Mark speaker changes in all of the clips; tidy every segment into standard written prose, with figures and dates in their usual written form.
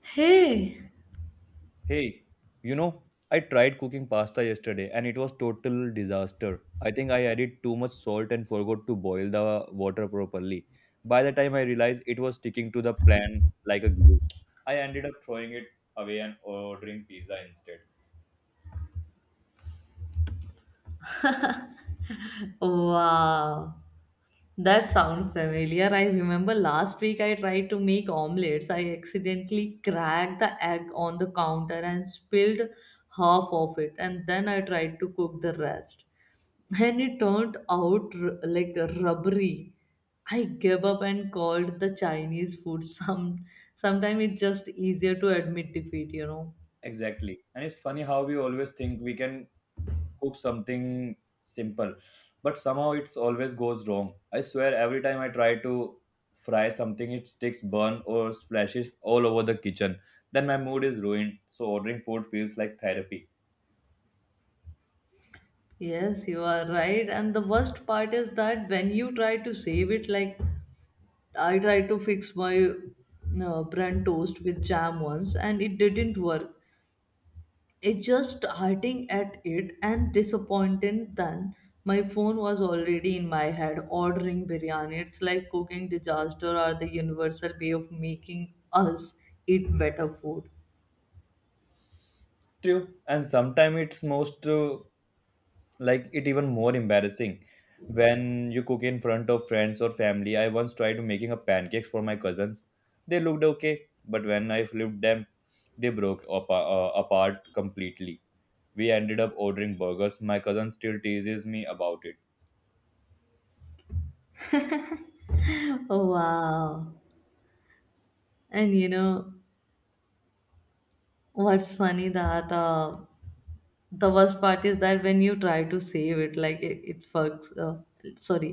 Speaker 1: Hey,
Speaker 2: Hey, you know, I tried cooking pasta yesterday and it was total disaster. I think I added too much salt and forgot to boil the water properly. By the time I realized it was sticking to the plan like a glue, I ended up throwing it away and ordering pizza instead.
Speaker 1: wow, that sounds familiar. I remember last week I tried to make omelets. I accidentally cracked the egg on the counter and spilled half of it, and then I tried to cook the rest. And it turned out like rubbery. I gave up and called the Chinese food. Sometimes it's just easier to admit defeat, you know.
Speaker 2: Exactly. And it's funny how we always think we can cook something simple, but somehow it's always goes wrong. I swear every time I try to fry something, it sticks, burn, or splashes all over the kitchen. Then my mood is ruined. So ordering food feels like therapy.
Speaker 1: Yes, you are right. And the worst part is that when you try to save it, like I tried to fix my bran toast with jam once and it didn't work. It's just starting at it and disappointed, then my phone was already in my head ordering biryani. It's like cooking disaster are the universal way of making us eat better food.
Speaker 2: True, and sometimes it's most like it even more embarrassing when you cook in front of friends or family. I once tried making a pancakes for my cousins. They looked okay, but when I flipped them they broke up apart completely. We ended up ordering burgers. My cousin still teases me about it.
Speaker 1: Wow. And you know what's funny that the worst part is that when you try to save it like it fucks sorry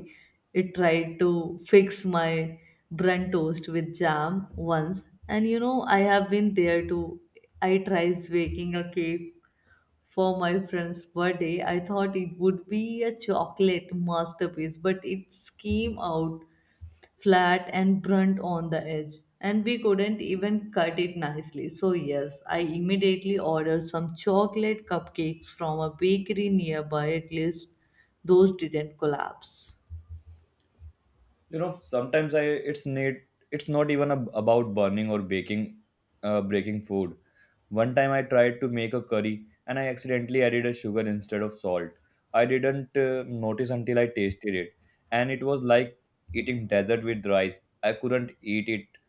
Speaker 1: it tried to fix my bun toast with jam once. And you know, I have been there too. I tried baking a cake for my friend's birthday. I thought it would be a chocolate masterpiece, but it came out flat and blunt on the edge, and we couldn't even cut it nicely. So yes, I immediately ordered some chocolate cupcakes from a bakery nearby. At least those didn't collapse.
Speaker 2: You know, sometimes I it's need, it's not even about burning or baking breaking food. One time I tried to make a curry and I accidentally added a sugar instead of salt. I didn't notice until I tasted it, and it was like eating dessert with rice. I couldn't eat it,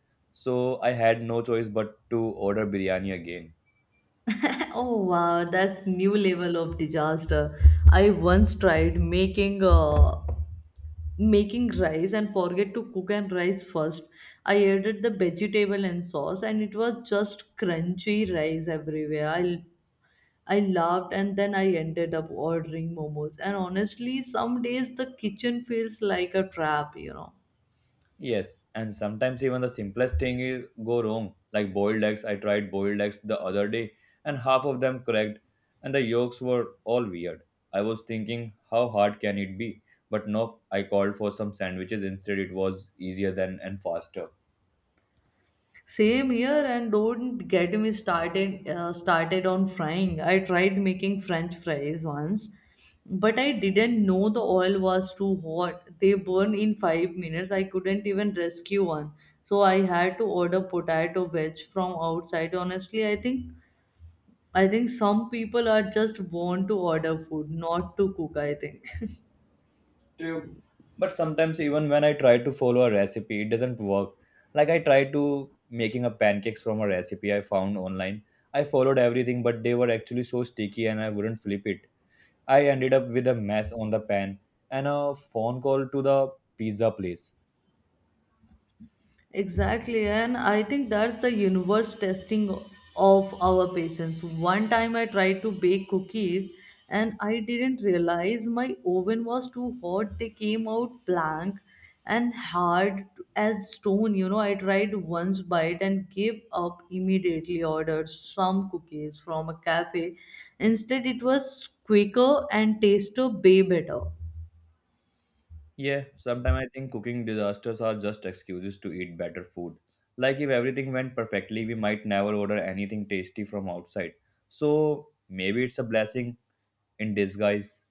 Speaker 2: so I had no choice but to order biryani again.
Speaker 1: Oh wow, that's new level of disaster. I once tried making making rice and forget to cook and rice first. I added the vegetable and sauce and it was just crunchy rice everywhere. I laughed and then I ended up ordering momos. And honestly, some days the kitchen feels like a trap, you know.
Speaker 2: Yes, and sometimes even the simplest thing is go wrong. Like boiled eggs, I tried boiled eggs the other day, and half of them cracked, and the yolks were all weird. I was thinking, how hard can it be? But nope, I called for some sandwiches instead. It was easier than and faster.
Speaker 1: Same here, and don't get me started started on frying. I tried making French fries once, but I didn't know the oil was too hot. They burn in 5 minutes. I couldn't even rescue one, so I had to order potato wedge from outside. Honestly, I think some people are just born to order food, not to cook. I think.
Speaker 2: True. But sometimes even when I try to follow a recipe, it doesn't work. Like I tried to making a pancakes from a recipe I found online. I followed everything, but they were actually so sticky, and I wouldn't flip it. I ended up with a mess on the pan and a phone call to the pizza place.
Speaker 1: Exactly, and I think that's the universe testing of our patience. One time I tried to bake cookies and I didn't realize my oven was too hot. They came out blank and hard as stone. You know, I tried once bite and gave up immediately, ordered some cookies from a cafe instead. It was quicker and tasted way better.
Speaker 2: Yeah, sometimes I think cooking disasters are just excuses to eat better food. Like if everything went perfectly, we might never order anything tasty from outside. So maybe it's a blessing in disguise.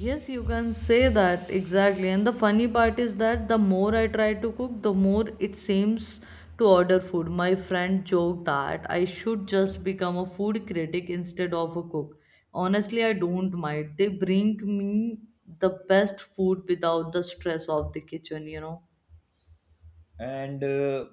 Speaker 1: Yes, you can say that exactly. And the funny part is that the more I try to cook, the more it seems to order food. My friend joked that I should just become a food critic instead of a cook. Honestly, I don't mind. They bring me the best food without the stress of the kitchen, you know.
Speaker 2: And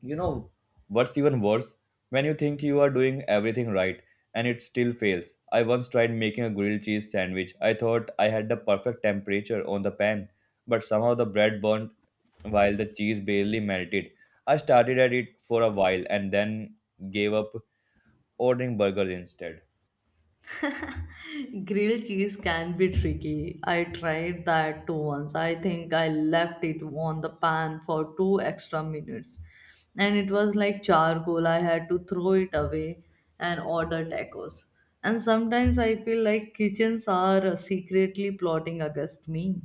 Speaker 2: You know what's even worse? When you think you are doing everything right and it still fails. I once tried making a grilled cheese sandwich. I thought I had the perfect temperature on the pan, but somehow the bread burnt while the cheese barely melted. I started at it for a while and then gave up ordering burgers instead.
Speaker 1: Grilled cheese can be tricky. I tried that too once. I think I left it on the pan for two extra minutes, and it was like charcoal. I had to throw it away and order tacos. And sometimes I feel like kitchens are secretly plotting against me.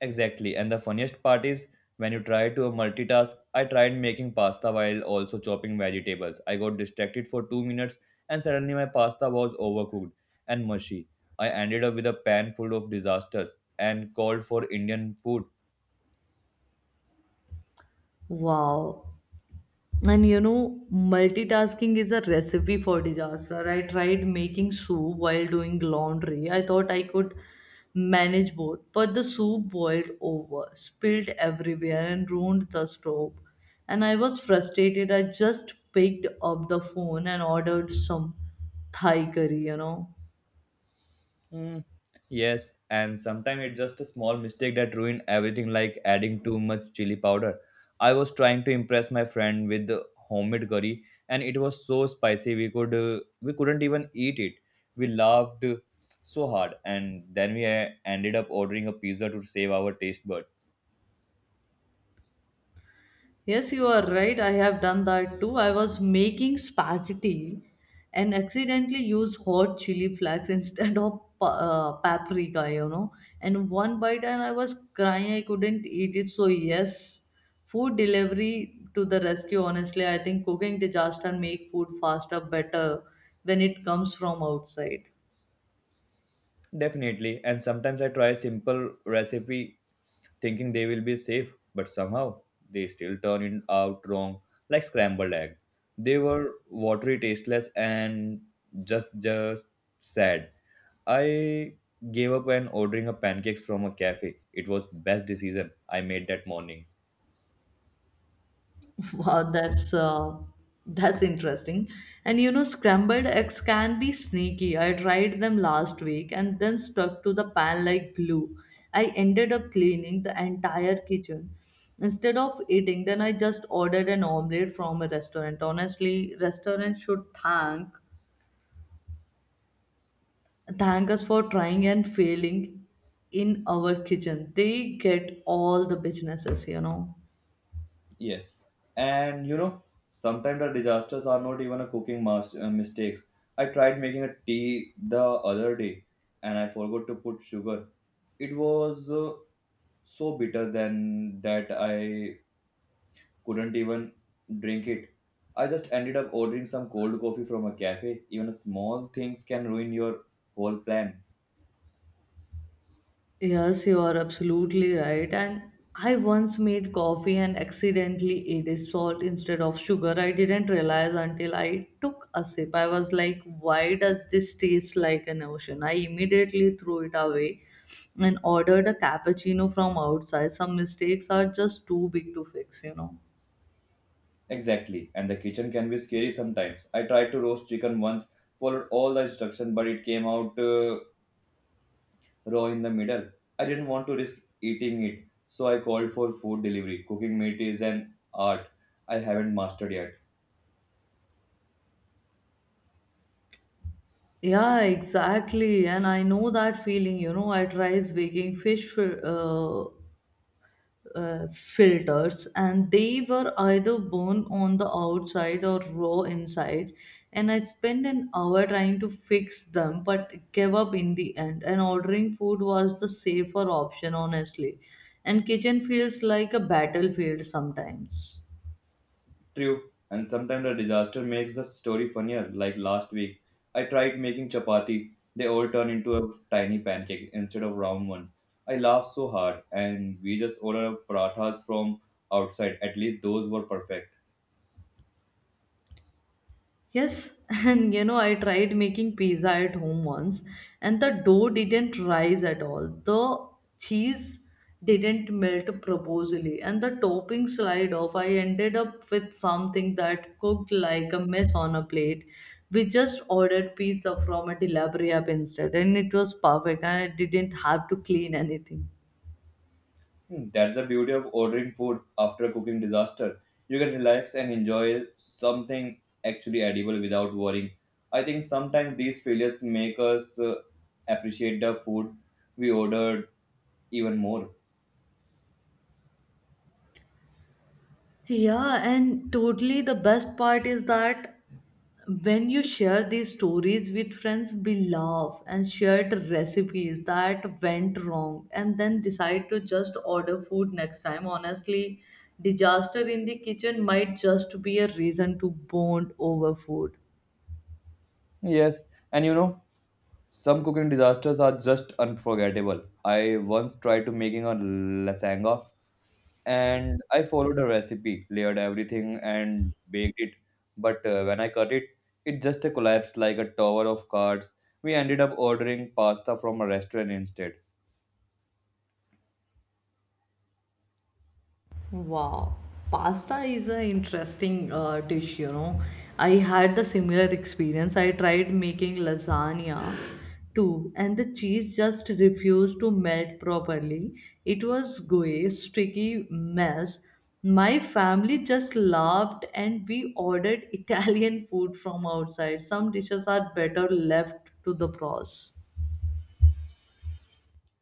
Speaker 2: Exactly. And the funniest part is when you try to multitask, I tried making pasta while also chopping vegetables. I got distracted for 2 minutes and suddenly my pasta was overcooked and mushy. I ended up with a pan full of disasters and called for Indian food.
Speaker 1: Wow. And you know, multitasking is a recipe for disaster. I tried making soup while doing laundry. I thought I could manage both, but the soup boiled over, spilled everywhere, and ruined the stove. And I was frustrated. I just picked up the phone and ordered some Thai curry, you know.
Speaker 2: Mm, yes, and sometimes it's just a small mistake that ruin everything, like adding too much chili powder. I was trying to impress my friend with the homemade curry, and it was so spicy we couldn't even eat it. We laughed so hard, and then we ended up ordering a pizza to save our taste buds.
Speaker 1: Yes, you are right. I have done that too. I was making spaghetti and accidentally used hot chili flakes instead of paprika, you know. And one bite, and I was crying. I couldn't eat it. So yes, food delivery to the rescue. Honestly, I think cooking disaster make food faster, better when it comes from outside.
Speaker 2: Definitely, and sometimes I try a simple recipe thinking they will be safe, but somehow they still turn it out wrong, like scrambled egg. They were watery, tasteless, and just sad. I gave up and ordering a pancakes from a cafe. It was best decision I made that morning.
Speaker 1: Wow, that's interesting. And you know, scrambled eggs can be sneaky. I tried them last week and then stuck to the pan like glue. I ended up cleaning the entire kitchen instead of eating. Then I just ordered an omelette from a restaurant. Honestly, restaurants should thank us for trying and failing in our kitchen. They get all the businesses, you know.
Speaker 2: Yes, and you know, sometimes the disasters are not even a cooking mistakes. I tried making a tea the other day, and I forgot to put sugar. It was so bitter then that I couldn't even drink it. I just ended up ordering some cold coffee from a cafe. Even small things can ruin your whole plan.
Speaker 1: Yes, you are absolutely right. And I once made coffee and accidentally added salt instead of sugar. I didn't realize until I took a sip. I was like, why does this taste like an ocean? I immediately threw it away and ordered a cappuccino from outside. Some mistakes are just too big to fix, you know.
Speaker 2: Exactly, and the kitchen can be scary sometimes. I tried to roast chicken once, followed all the instruction, but it came out. Raw in the middle. I didn't want to risk eating it, so I called for food delivery. Cooking meat is an art I haven't mastered yet.
Speaker 1: Yeah, exactly. And I know that feeling, you know, I tried baking fish for, filters, and they were either burned on the outside or raw inside. And I spent an hour trying to fix them, but gave up in the end, and ordering food was the safer option honestly. And kitchen feels like a battlefield sometimes.
Speaker 2: True, and sometimes the disaster makes the story funnier, like last week. I tried making chapati, they all turned into a tiny pancake instead of round ones. I laughed so hard, and we just ordered parathas from outside. At least those were perfect.
Speaker 1: Yes, and you know, I tried making pizza at home once, and the dough didn't rise at all. The cheese didn't melt properly, and the topping slide off. I ended up with something that cooked like a mess on a plate. We just ordered pizza from a delivery app instead, and it was perfect, and I didn't have to clean anything.
Speaker 2: Hmm, that's the beauty of ordering food after a cooking disaster. You can relax and enjoy something actually edible without worrying. I think sometimes these failures make us appreciate the food we ordered even more.
Speaker 1: Yeah, and totally the best part is that when you share these stories with friends, we laugh and share recipes that went wrong and then decide to just order food next time. Honestly, disaster in the kitchen might just be a reason to bond over food.
Speaker 2: Yes, and you know, some cooking disasters are just unforgettable. I once tried to making a lasagna and I followed a recipe, layered everything, and baked it. But when I cut it, it just collapsed like a tower of cards. We ended up ordering pasta from a restaurant instead.
Speaker 1: Wow, pasta is an interesting dish, you know. I had the similar experience. I tried making lasagna too, and the cheese just refused to melt properly. It was gooey, sticky mess. My family just laughed, and we ordered Italian food from outside. Some dishes are better left to the pros.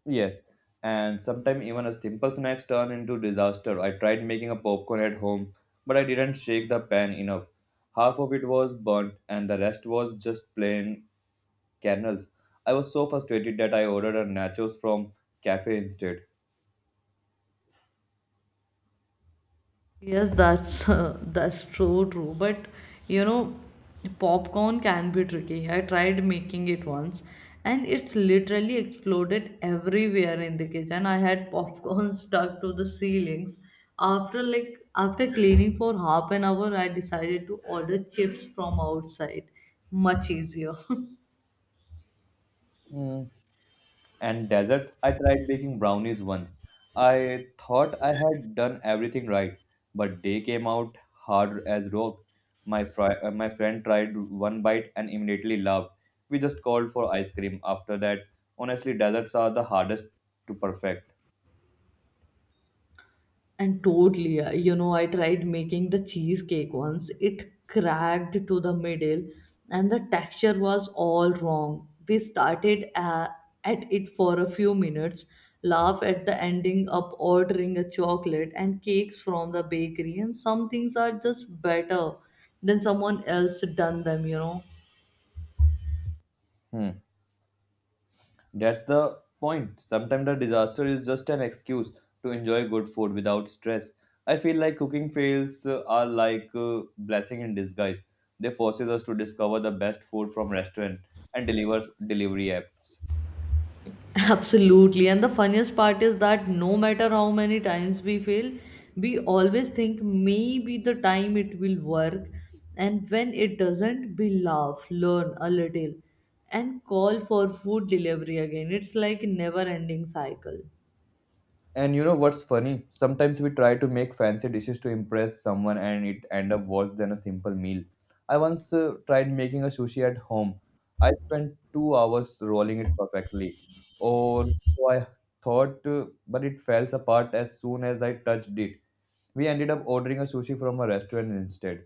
Speaker 2: Yes, and sometimes even a simple snacks turn into disaster. I tried making a popcorn at home, but I didn't shake the pan enough. Half of it was burnt, and the rest was just plain kernels. I was so frustrated that I ordered a nachos from cafe instead.
Speaker 1: Yes, that's that's so true. But you know, popcorn can be tricky. I tried making it once, and it's literally exploded everywhere in the kitchen. I had popcorn stuck to the ceilings. After cleaning for half an hour, I decided to order chips from outside. Much easier.
Speaker 2: Hmm, and dessert. I tried baking brownies once. I thought I had done everything right, but they came out hard as rock. My friend tried one bite and immediately laughed. We just called for ice cream after that. Honestly, desserts are the hardest to perfect.
Speaker 1: And totally, you know, I tried making the cheesecake once. It cracked to the middle, and the texture was all wrong. We started at it for a few minutes, laugh at the ending up ordering a chocolate and cakes from the bakery. And some things are just better than someone else done them, you know.
Speaker 2: Hmm. That's the point. Sometimes the disaster is just an excuse to enjoy good food without stress. I feel like cooking fails are like blessing in disguise. They forces us to discover the best food from restaurant and deliver delivery apps.
Speaker 1: Absolutely. And the funniest part is that no matter how many times we fail, we always think maybe the time it will work. And when it doesn't, we laugh, learn a little, and call for food delivery again. It's like a never ending cycle.
Speaker 2: And you know what's funny? Sometimes we try to make fancy dishes to impress someone and it end up worse than a simple meal. I once tried making a sushi at home. I spent 2 hours rolling it perfectly. Or so I thought, but it fell apart as soon as I touched it. We ended up ordering a sushi from a restaurant instead.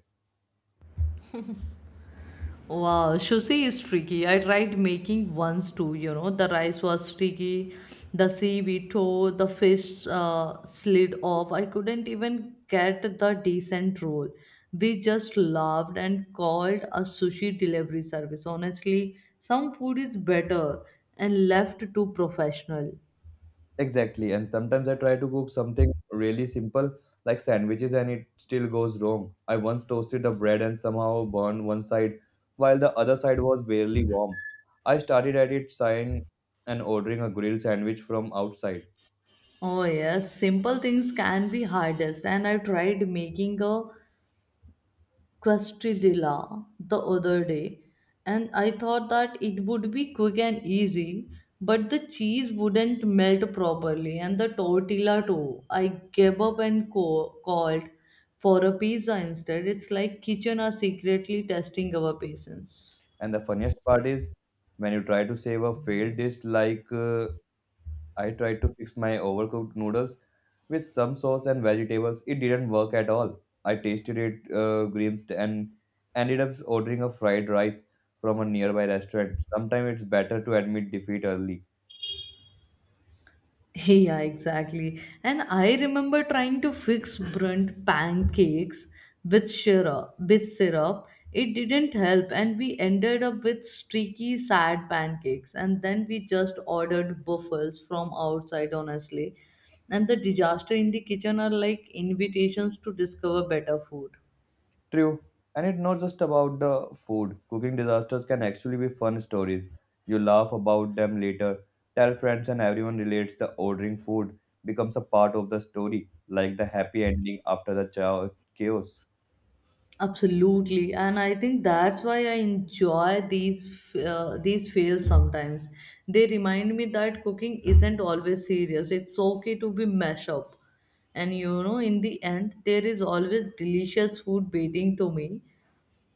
Speaker 1: Wow, sushi is tricky. I tried making once too, you know. The rice was tricky, the seaweed tore, the fish slid off. I couldn't even get the decent roll. We just laughed and called a sushi delivery service. Honestly, some food is better and left to professional.
Speaker 2: Exactly. And sometimes I try to cook something really simple like sandwiches and it still goes wrong. I once toasted the bread and somehow burned one side while the other side was barely warm. I started at it sign and ordering a grilled sandwich from outside.
Speaker 1: Oh yes, simple things can be hardest. And I tried making a quesadilla the other day, and I thought that it would be quick and easy, but the cheese wouldn't melt properly and the tortilla too. I gave up and called for a pizza instead. It's like kitchen are secretly testing our patience.
Speaker 2: And the funniest part is when you try to save a failed dish like I tried to fix my overcooked noodles with some sauce and vegetables. It didn't work at all. I tasted it grimmed and ended up ordering a fried rice from a nearby restaurant. Sometimes it's better to admit defeat early.
Speaker 1: Yeah, exactly. And I remember trying to fix burnt pancakes with syrup. With syrup, it didn't help, and we ended up with streaky, sad pancakes. And then we just ordered buffels from outside, honestly. And the disaster in the kitchen are like invitations to discover better food.
Speaker 2: True. And it's not just about the food. Cooking disasters can actually be fun stories. You laugh about them later, tell friends, and everyone relates the ordering food becomes a part of the story, like the happy ending after the chaos.
Speaker 1: Absolutely, and I think that's why I enjoy these fails sometimes. They remind me that cooking isn't always serious. It's okay to be messed up, and you know, in the end, there is always delicious food waiting to me,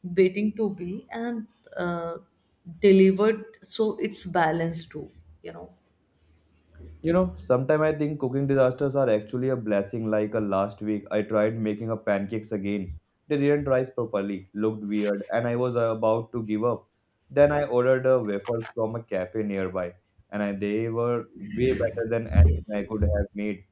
Speaker 1: waiting to be and uh, delivered. So it's balanced too, you know.
Speaker 2: You know, sometimes I think cooking disasters are actually a blessing. Like a last week, I tried making a pancakes again. They didn't rise properly, looked weird, and I was about to give up. Then I ordered a waffles from a cafe nearby, and I, they were way better than anything I could have made.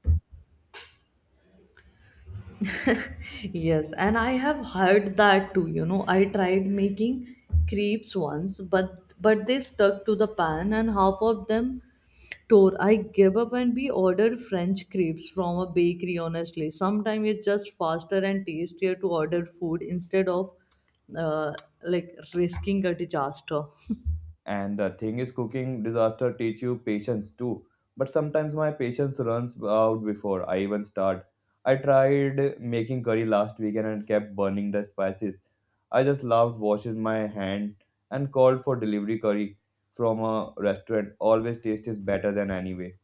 Speaker 1: Yes, and I have heard that too. You know, I tried making crepes once, but they stuck to the pan, and half of them tore. I gave up and we ordered French crepes from a bakery. Honestly, sometimes it's just faster and tastier to order food instead of uh, like risking a disaster.
Speaker 2: And the thing is, cooking disaster teach you patience too. But sometimes my patience runs out before I even start. I tried making curry last weekend and kept burning the spices. I just loved washing my hand and called for delivery curry from a restaurant. Always taste is better than anyway.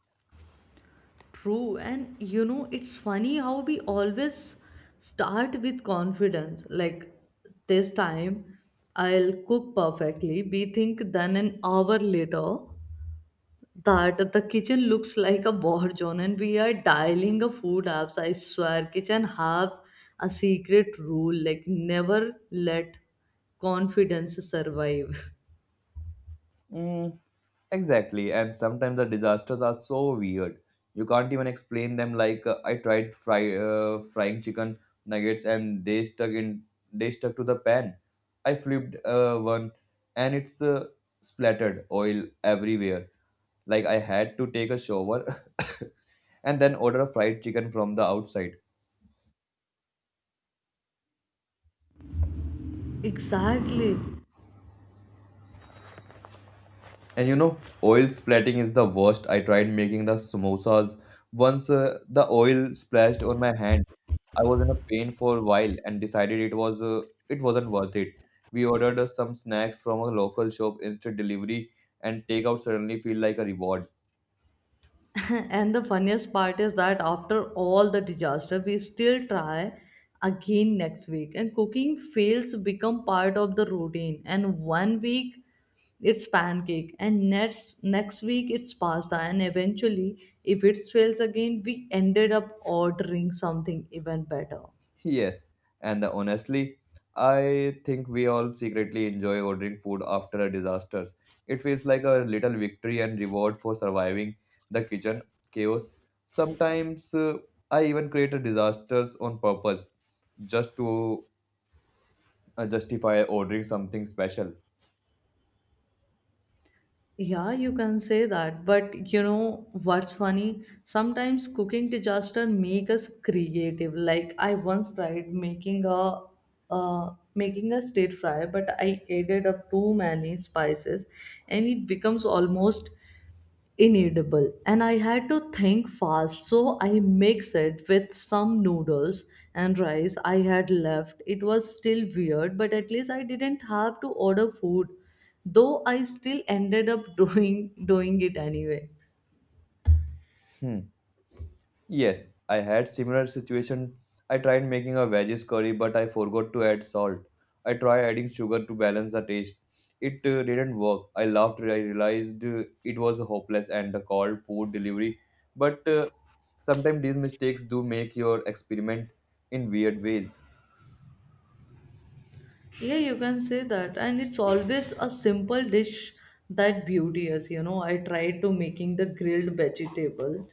Speaker 1: True, and you know, it's funny how we always start with confidence. Like, this time I'll cook perfectly, we think. Then an hour later, that the kitchen looks like a war zone and we are dialing a food apps. I swear, kitchen have a secret rule like, never let confidence survive.
Speaker 2: Mm, exactly. And sometimes the disasters are so weird. You can't even explain them. Like I tried frying chicken nuggets and they stuck to the pan. I flipped one and it's splattered oil everywhere. Like I had to take a shower and then order a fried chicken from the outside.
Speaker 1: Exactly.
Speaker 2: And you know, oil splatting is the worst. I tried making the samosas. Once the oil splashed on my hand, I was in a pain for a while and decided it wasn't worth it. We ordered some snacks from a local shop instead delivery and takeout suddenly feel like a reward.
Speaker 1: And the funniest part is that after all the disaster, we still try again next week. And cooking fails become part of the routine. And one week it's pancake, and next week it's pasta. And eventually, if it fails again, we ended up ordering something even better.
Speaker 2: Yes, and honestly, I think we all secretly enjoy ordering food after a disaster. It feels like a little victory and reward for surviving the kitchen chaos. Sometimes I even create a disasters on purpose just to justify ordering something special.
Speaker 1: Yeah, you can say that. But you know what's funny? Sometimes cooking disaster make us creative. Like I once tried making a stir fry, but I added up too many spices, and it becomes almost inedible. And I had to think fast, so I mixed it with some noodles and rice I had left. It was still weird, but at least I didn't have to order food, though I still ended up doing it anyway.
Speaker 2: Hmm. Yes, I had similar situation. I tried making a veggies curry but I forgot to add salt. I tried adding sugar to balance the taste. It didn't work. I laughed. I realized it was hopeless and called food delivery. But sometimes these mistakes do make your experiment in weird ways.
Speaker 1: Yeah, you can say that. And it's always a simple dish that beauty is. You know, I tried to making the grilled vegetable.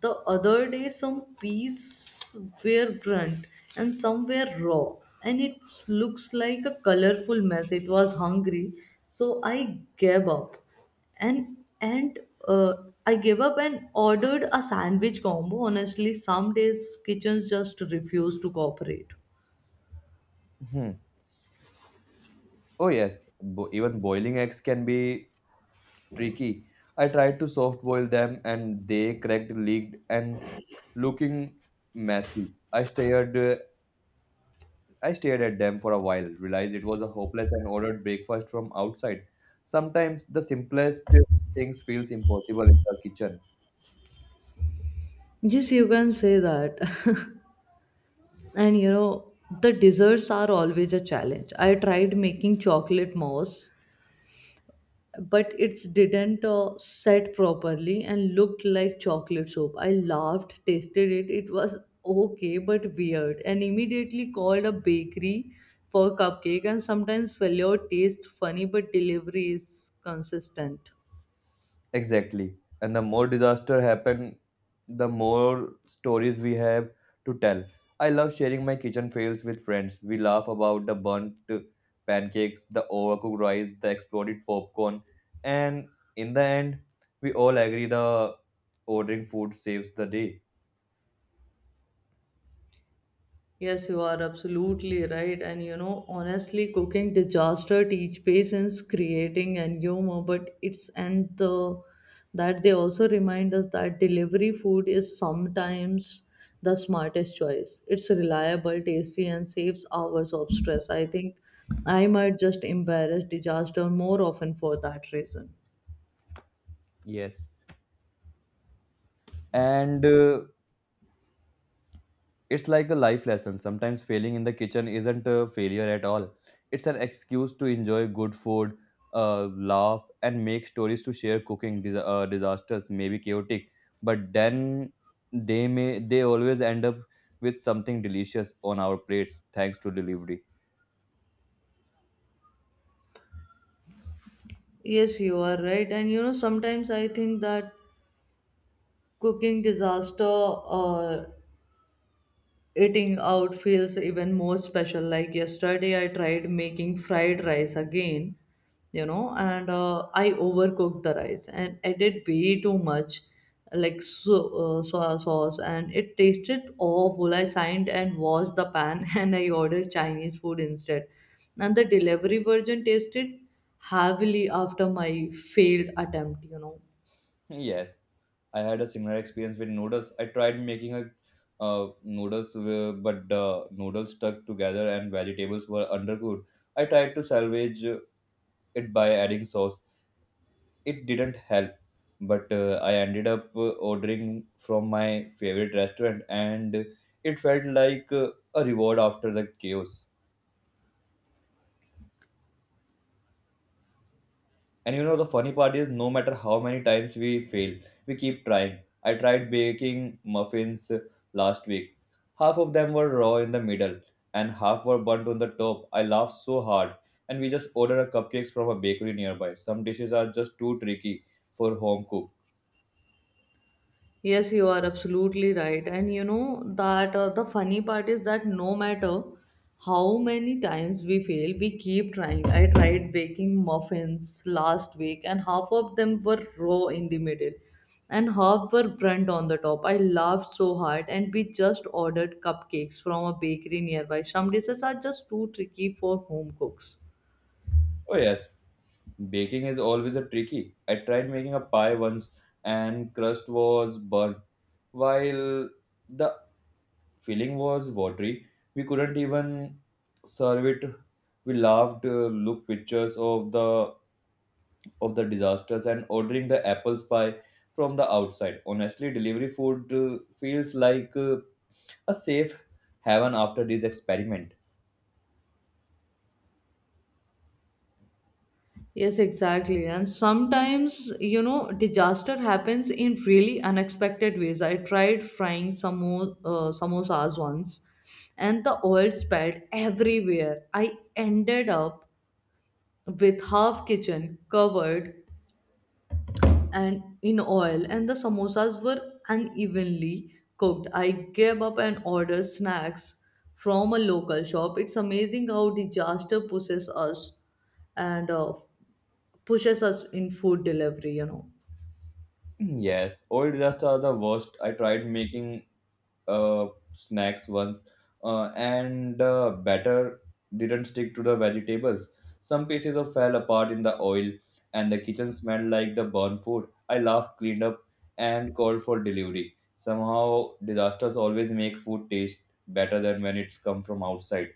Speaker 1: The other day, some peas were burnt and some were raw. And it looks like a colorful mess. It was hungry. So I gave up. And uh, I gave up and ordered a sandwich combo. Honestly, some days kitchens just refuse to cooperate.
Speaker 2: Hmm. Oh yes, even boiling eggs can be tricky. I tried to soft boil them and they cracked, leaked, and looking messy. I stared at them for a while, realized it was a hopeless and ordered breakfast from outside. Sometimes the simplest things feels impossible in the kitchen.
Speaker 1: Yes, you can say that. And you know, the desserts are always a challenge. I tried making chocolate mousse, but it didn't set properly and looked like chocolate soap. I laughed, tasted it. It was okay, but weird. And immediately called a bakery for cupcake. And sometimes failure taste funny, but delivery is consistent.
Speaker 2: Exactly. And the more disaster happen, the more stories we have to tell. I love sharing my kitchen fails with friends. We laugh about the burnt pancakes, the overcooked rice, the exploded popcorn, and in the end, we all agree the ordering food saves the day.
Speaker 1: Yes, you are absolutely right. And you know, honestly, cooking disaster teach patience, creating and humor, but it's and the that they also remind us that delivery food is sometimes the smartest choice. It's reliable, tasty, and saves hours of stress. I think I might just embarrass disaster more often for that reason.
Speaker 2: Yes. And It's like a life lesson. Sometimes failing in the kitchen isn't a failure at all. It's an excuse to enjoy good food, laugh, and make stories to share cooking disasters, maybe chaotic, but then they always end up with something delicious on our plates thanks to delivery.
Speaker 1: Yes, you are right. And you know, sometimes I think that cooking disaster eating out feels even more special. Like yesterday I tried making fried rice again, you know, and I overcooked the rice and added way too much, like so, soy sauce, and it tasted awful. I signed and washed the pan and I ordered Chinese food instead. And the delivery version tasted heavily after my failed attempt, you know.
Speaker 2: Yes, I had a similar experience with noodles. I tried making a noodles, but the noodles stuck together and vegetables were undercooked. I tried to salvage it by adding sauce, it didn't help but I ended up ordering from my favorite restaurant, and it felt like a reward after the chaos. And you know the funny part is no matter how many times we fail, we keep trying. I tried baking muffins last week. Half of them were raw in the middle and half were burnt on the top. I laughed so hard, and we just ordered a cupcakes from a bakery nearby. Some dishes are just too tricky for home cook.
Speaker 1: Yes, you are absolutely right. And you know that the funny part is that no matter how many times we fail, we keep trying. I tried baking muffins last week, and half of them were raw in the middle and half were burnt on the top. I laughed so hard, and we just ordered cupcakes from a bakery nearby. Some dishes are just too tricky for home cooks.
Speaker 2: Oh yes, baking is always a tricky. I tried making a pie once and crust was burnt. While the filling was watery, we couldn't even serve it. We laughed, looked pictures of the disasters and ordering the apples pie from the outside. Honestly, delivery food feels like a safe haven after this experiment.
Speaker 1: Yes, exactly. And sometimes, you know, disaster happens in really unexpected ways. I tried frying samosas once and the oil spilled everywhere. I ended up with half kitchen covered and in oil, and the samosas were unevenly cooked. I gave up and ordered snacks from a local shop. It's amazing how disaster pushes us and pushes us in food delivery, you know.
Speaker 2: Mm, yes, old rust are the worst. I tried making uh, snacks once, and the batter didn't stick to the vegetables. Some pieces of fell apart in the oil, and the kitchen smelled like the burnt food. I laughed, cleaned up, and called for delivery. Somehow, disasters always make food taste better than when it's come from outside.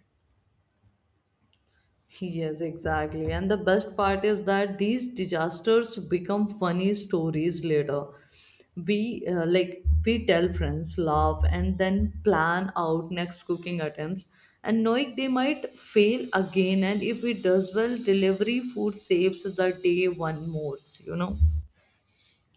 Speaker 1: Yes, exactly. And the best part is that these disasters become funny stories later. We like we tell friends, laugh, and then plan out next cooking attempts. And knowing they might fail again, and if it does well, delivery food saves the day one more, you know.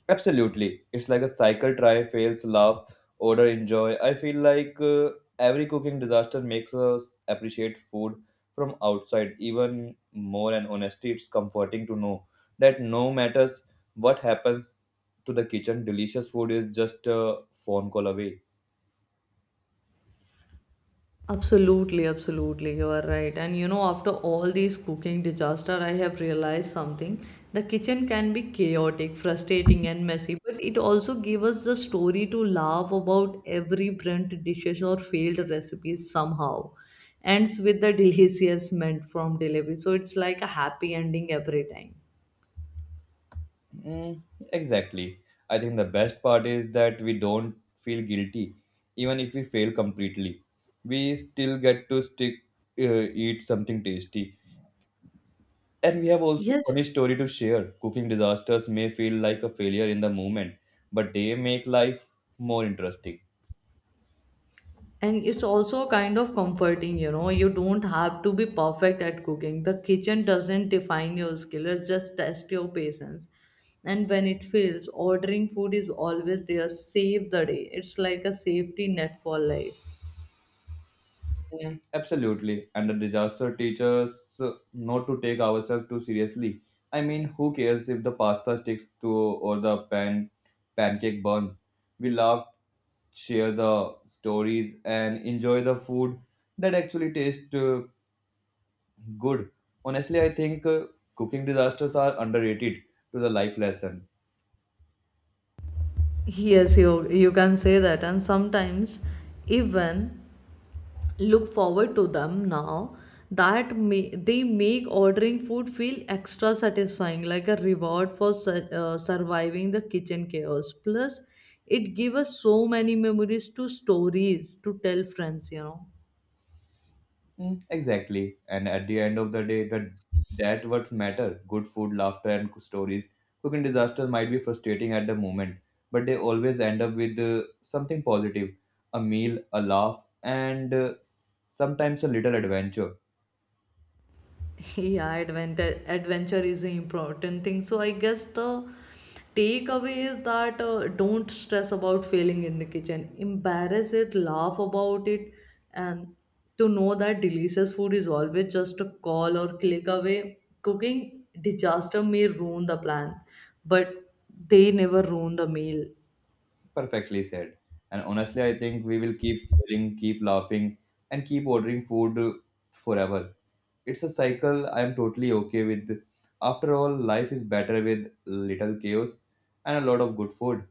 Speaker 2: Absolutely. It's like a cycle try, fails, laugh, order, enjoy. I feel like every cooking disaster makes us appreciate food from outside even more, and honestly, it's comforting to know that no matters what happens to the kitchen, delicious food is just a phone call away.
Speaker 1: Absolutely, absolutely, you are right. And you know, after all these cooking disaster, I have realized something. The kitchen can be chaotic, frustrating, and messy, but it also gave us the story to laugh about every burnt dishes or failed recipes somehow. Ends with the delicious meant from delivery, so it's like a happy ending every time.
Speaker 2: Mm, exactly. I think the best part is that we don't feel guilty, even if we fail completely. We still get to stick, eat something tasty. And we have also
Speaker 1: Yes,
Speaker 2: funny story to share. Cooking disasters may feel like a failure in the moment, but they make life more interesting.
Speaker 1: and it's also kind of comforting, you know. You don't have to be perfect at cooking. The kitchen doesn't define your skill, it just tests your patience. And when it fails, ordering food is always there. Save the day. It's like a safety net for life.
Speaker 2: Mm, absolutely. And the disaster teaches not to take ourselves too seriously. I mean, who cares if the pasta sticks to or the pan pancake burns? We laugh, share the stories, and enjoy the food that actually tastes good. Honestly, I think cooking disasters are underrated to the life lesson.
Speaker 1: Yes, you can say that. And sometimes, even look forward to them now that may, they make ordering food feel extra satisfying, like a reward for surviving the kitchen chaos. Plus it gives us so many memories to stories to tell friends, you know.
Speaker 2: Mm, exactly. And at the end of the day, that what matter. Good food, laughter, and stories. Cooking disasters might be frustrating at the moment, but they always end up with something positive, a meal, a laugh, and sometimes a little adventure.
Speaker 1: Yeah, adventure is an important thing. So I guess the takeaway is that don't stress about failing in the kitchen. Embarrass it, laugh about it, and to know that delicious food is always just a call or click away. Cooking disaster may ruin the plan, but they never ruin the meal.
Speaker 2: Perfectly said. And honestly, I think we will keep sharing, keep laughing, and keep ordering food forever. It's a cycle I am totally okay with. After all, life is better with little chaos and a lot of good food.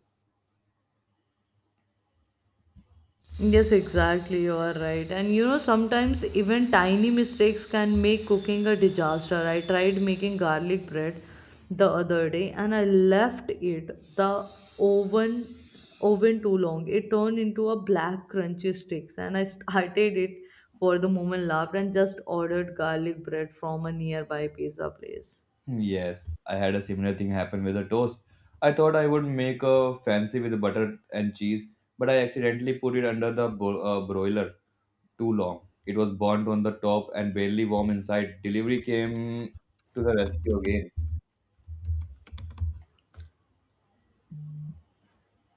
Speaker 1: Yes, exactly. You are right. And you know, sometimes even tiny mistakes can make cooking a disaster. I tried making garlic bread the other day and I left it the oven oven too long. It turned into a black crunchy sticks, and I started it for the moment, laughed, and just ordered garlic bread from a nearby pizza place.
Speaker 2: Yes, I had a similar thing happen with a toast. I thought I would make a fancy with butter and cheese, but I accidentally put it under the broiler too long. It was burnt on the top and barely warm inside. Delivery came to the rescue again,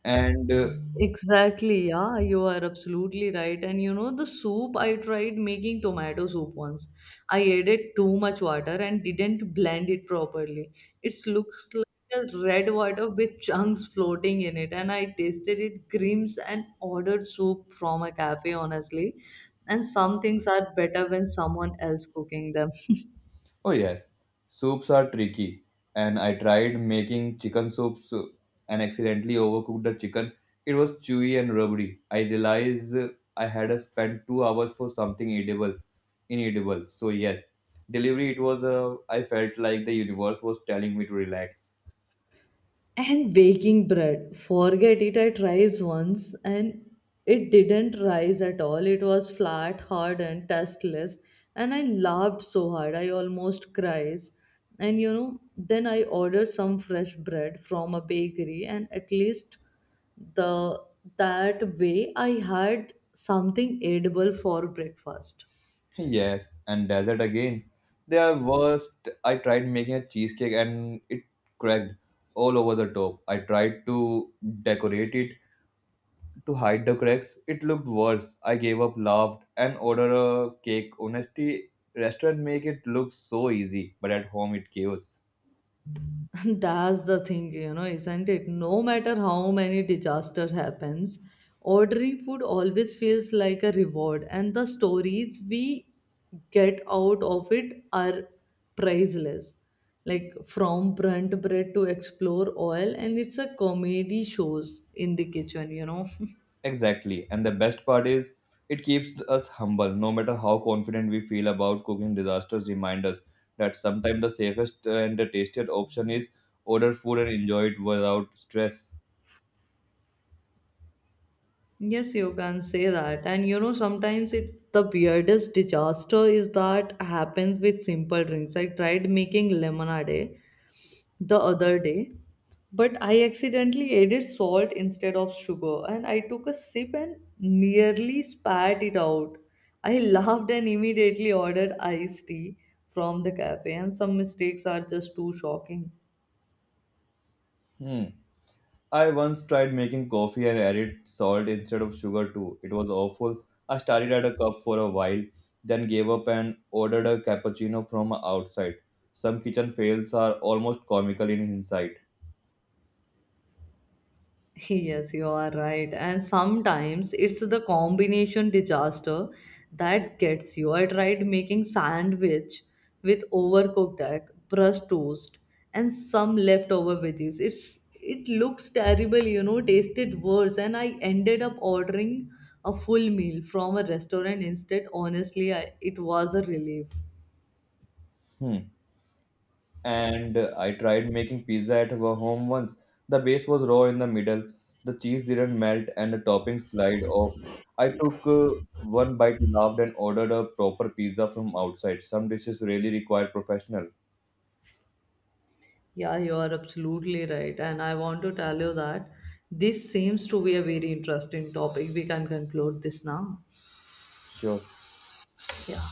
Speaker 2: and
Speaker 1: Exactly, yeah, you are absolutely right. And you know, the soup, I tried making tomato soup once. I added too much water and didn't blend it properly. It looks like a red water with chunks floating in it. And I tasted it grims and ordered soup from a cafe, honestly. And some things are better when someone else cooking them.
Speaker 2: Oh, yes, soups are tricky, and I tried making chicken soups and accidentally overcooked the chicken. It was chewy and rubbery. I realized I had to spend 2 hours for something edible, inedible. So, yes, delivery, it was a. I felt like the universe was telling me to relax.
Speaker 1: And baking bread, forget it. I tried once and it didn't rise at all. It was flat, hard, and tasteless, and I laughed so hard I almost cried. And you know, then I ordered some fresh bread from a bakery, and at least the that way I had something edible for breakfast.
Speaker 2: Yes, and dessert again. They are worst. I tried making a cheesecake and it cracked all over the top. I tried to decorate it to hide the cracks. It looked worse. I gave up, laughed, and ordered a cake. Honestly, restaurant make it look so easy, but at home it chaos.
Speaker 1: That's the thing, you know, isn't it? No matter how many disaster happens, ordering food always feels like a reward, and the stories we get out of it are priceless. Like from burnt bread to explore oil, and it's a comedy shows in the kitchen, you know.
Speaker 2: Exactly. And the best part is, it keeps us humble. No matter how confident we feel about cooking, disasters remind us that sometimes the safest and the tastiest option is order food and enjoy it without stress.
Speaker 1: Yes, you can say that. And you know, sometimes it the weirdest disaster is that happens with simple drinks. I tried making lemonade the other day, but I accidentally added salt instead of sugar, and I took a sip and nearly spat it out. I laughed and immediately ordered iced tea from the cafe, and some mistakes are just too shocking.
Speaker 2: Hmm. I once tried making coffee and added salt instead of sugar too. It was awful. I started at a cup for a while, then gave up and ordered a cappuccino from outside. Some kitchen fails are almost comical in hindsight.
Speaker 1: Yes, you are right. And sometimes it's the combination disaster that gets you. I tried making sandwich with overcooked egg, crust toast, and some leftover veggies. It looks terrible, you know, tasted worse, and I ended up ordering a full meal from a restaurant instead. Honestly, it was a relief.
Speaker 2: Hmm. And I tried making pizza at our home once. The base was raw in the middle. The cheese didn't melt and the topping slide off. I took one bite, laughed, and ordered a proper pizza from outside. Some dishes really require professional.
Speaker 1: Yeah, you are absolutely right. And I want to tell you that this seems to be a very interesting topic. We can conclude this now.
Speaker 2: Sure.
Speaker 1: Yeah.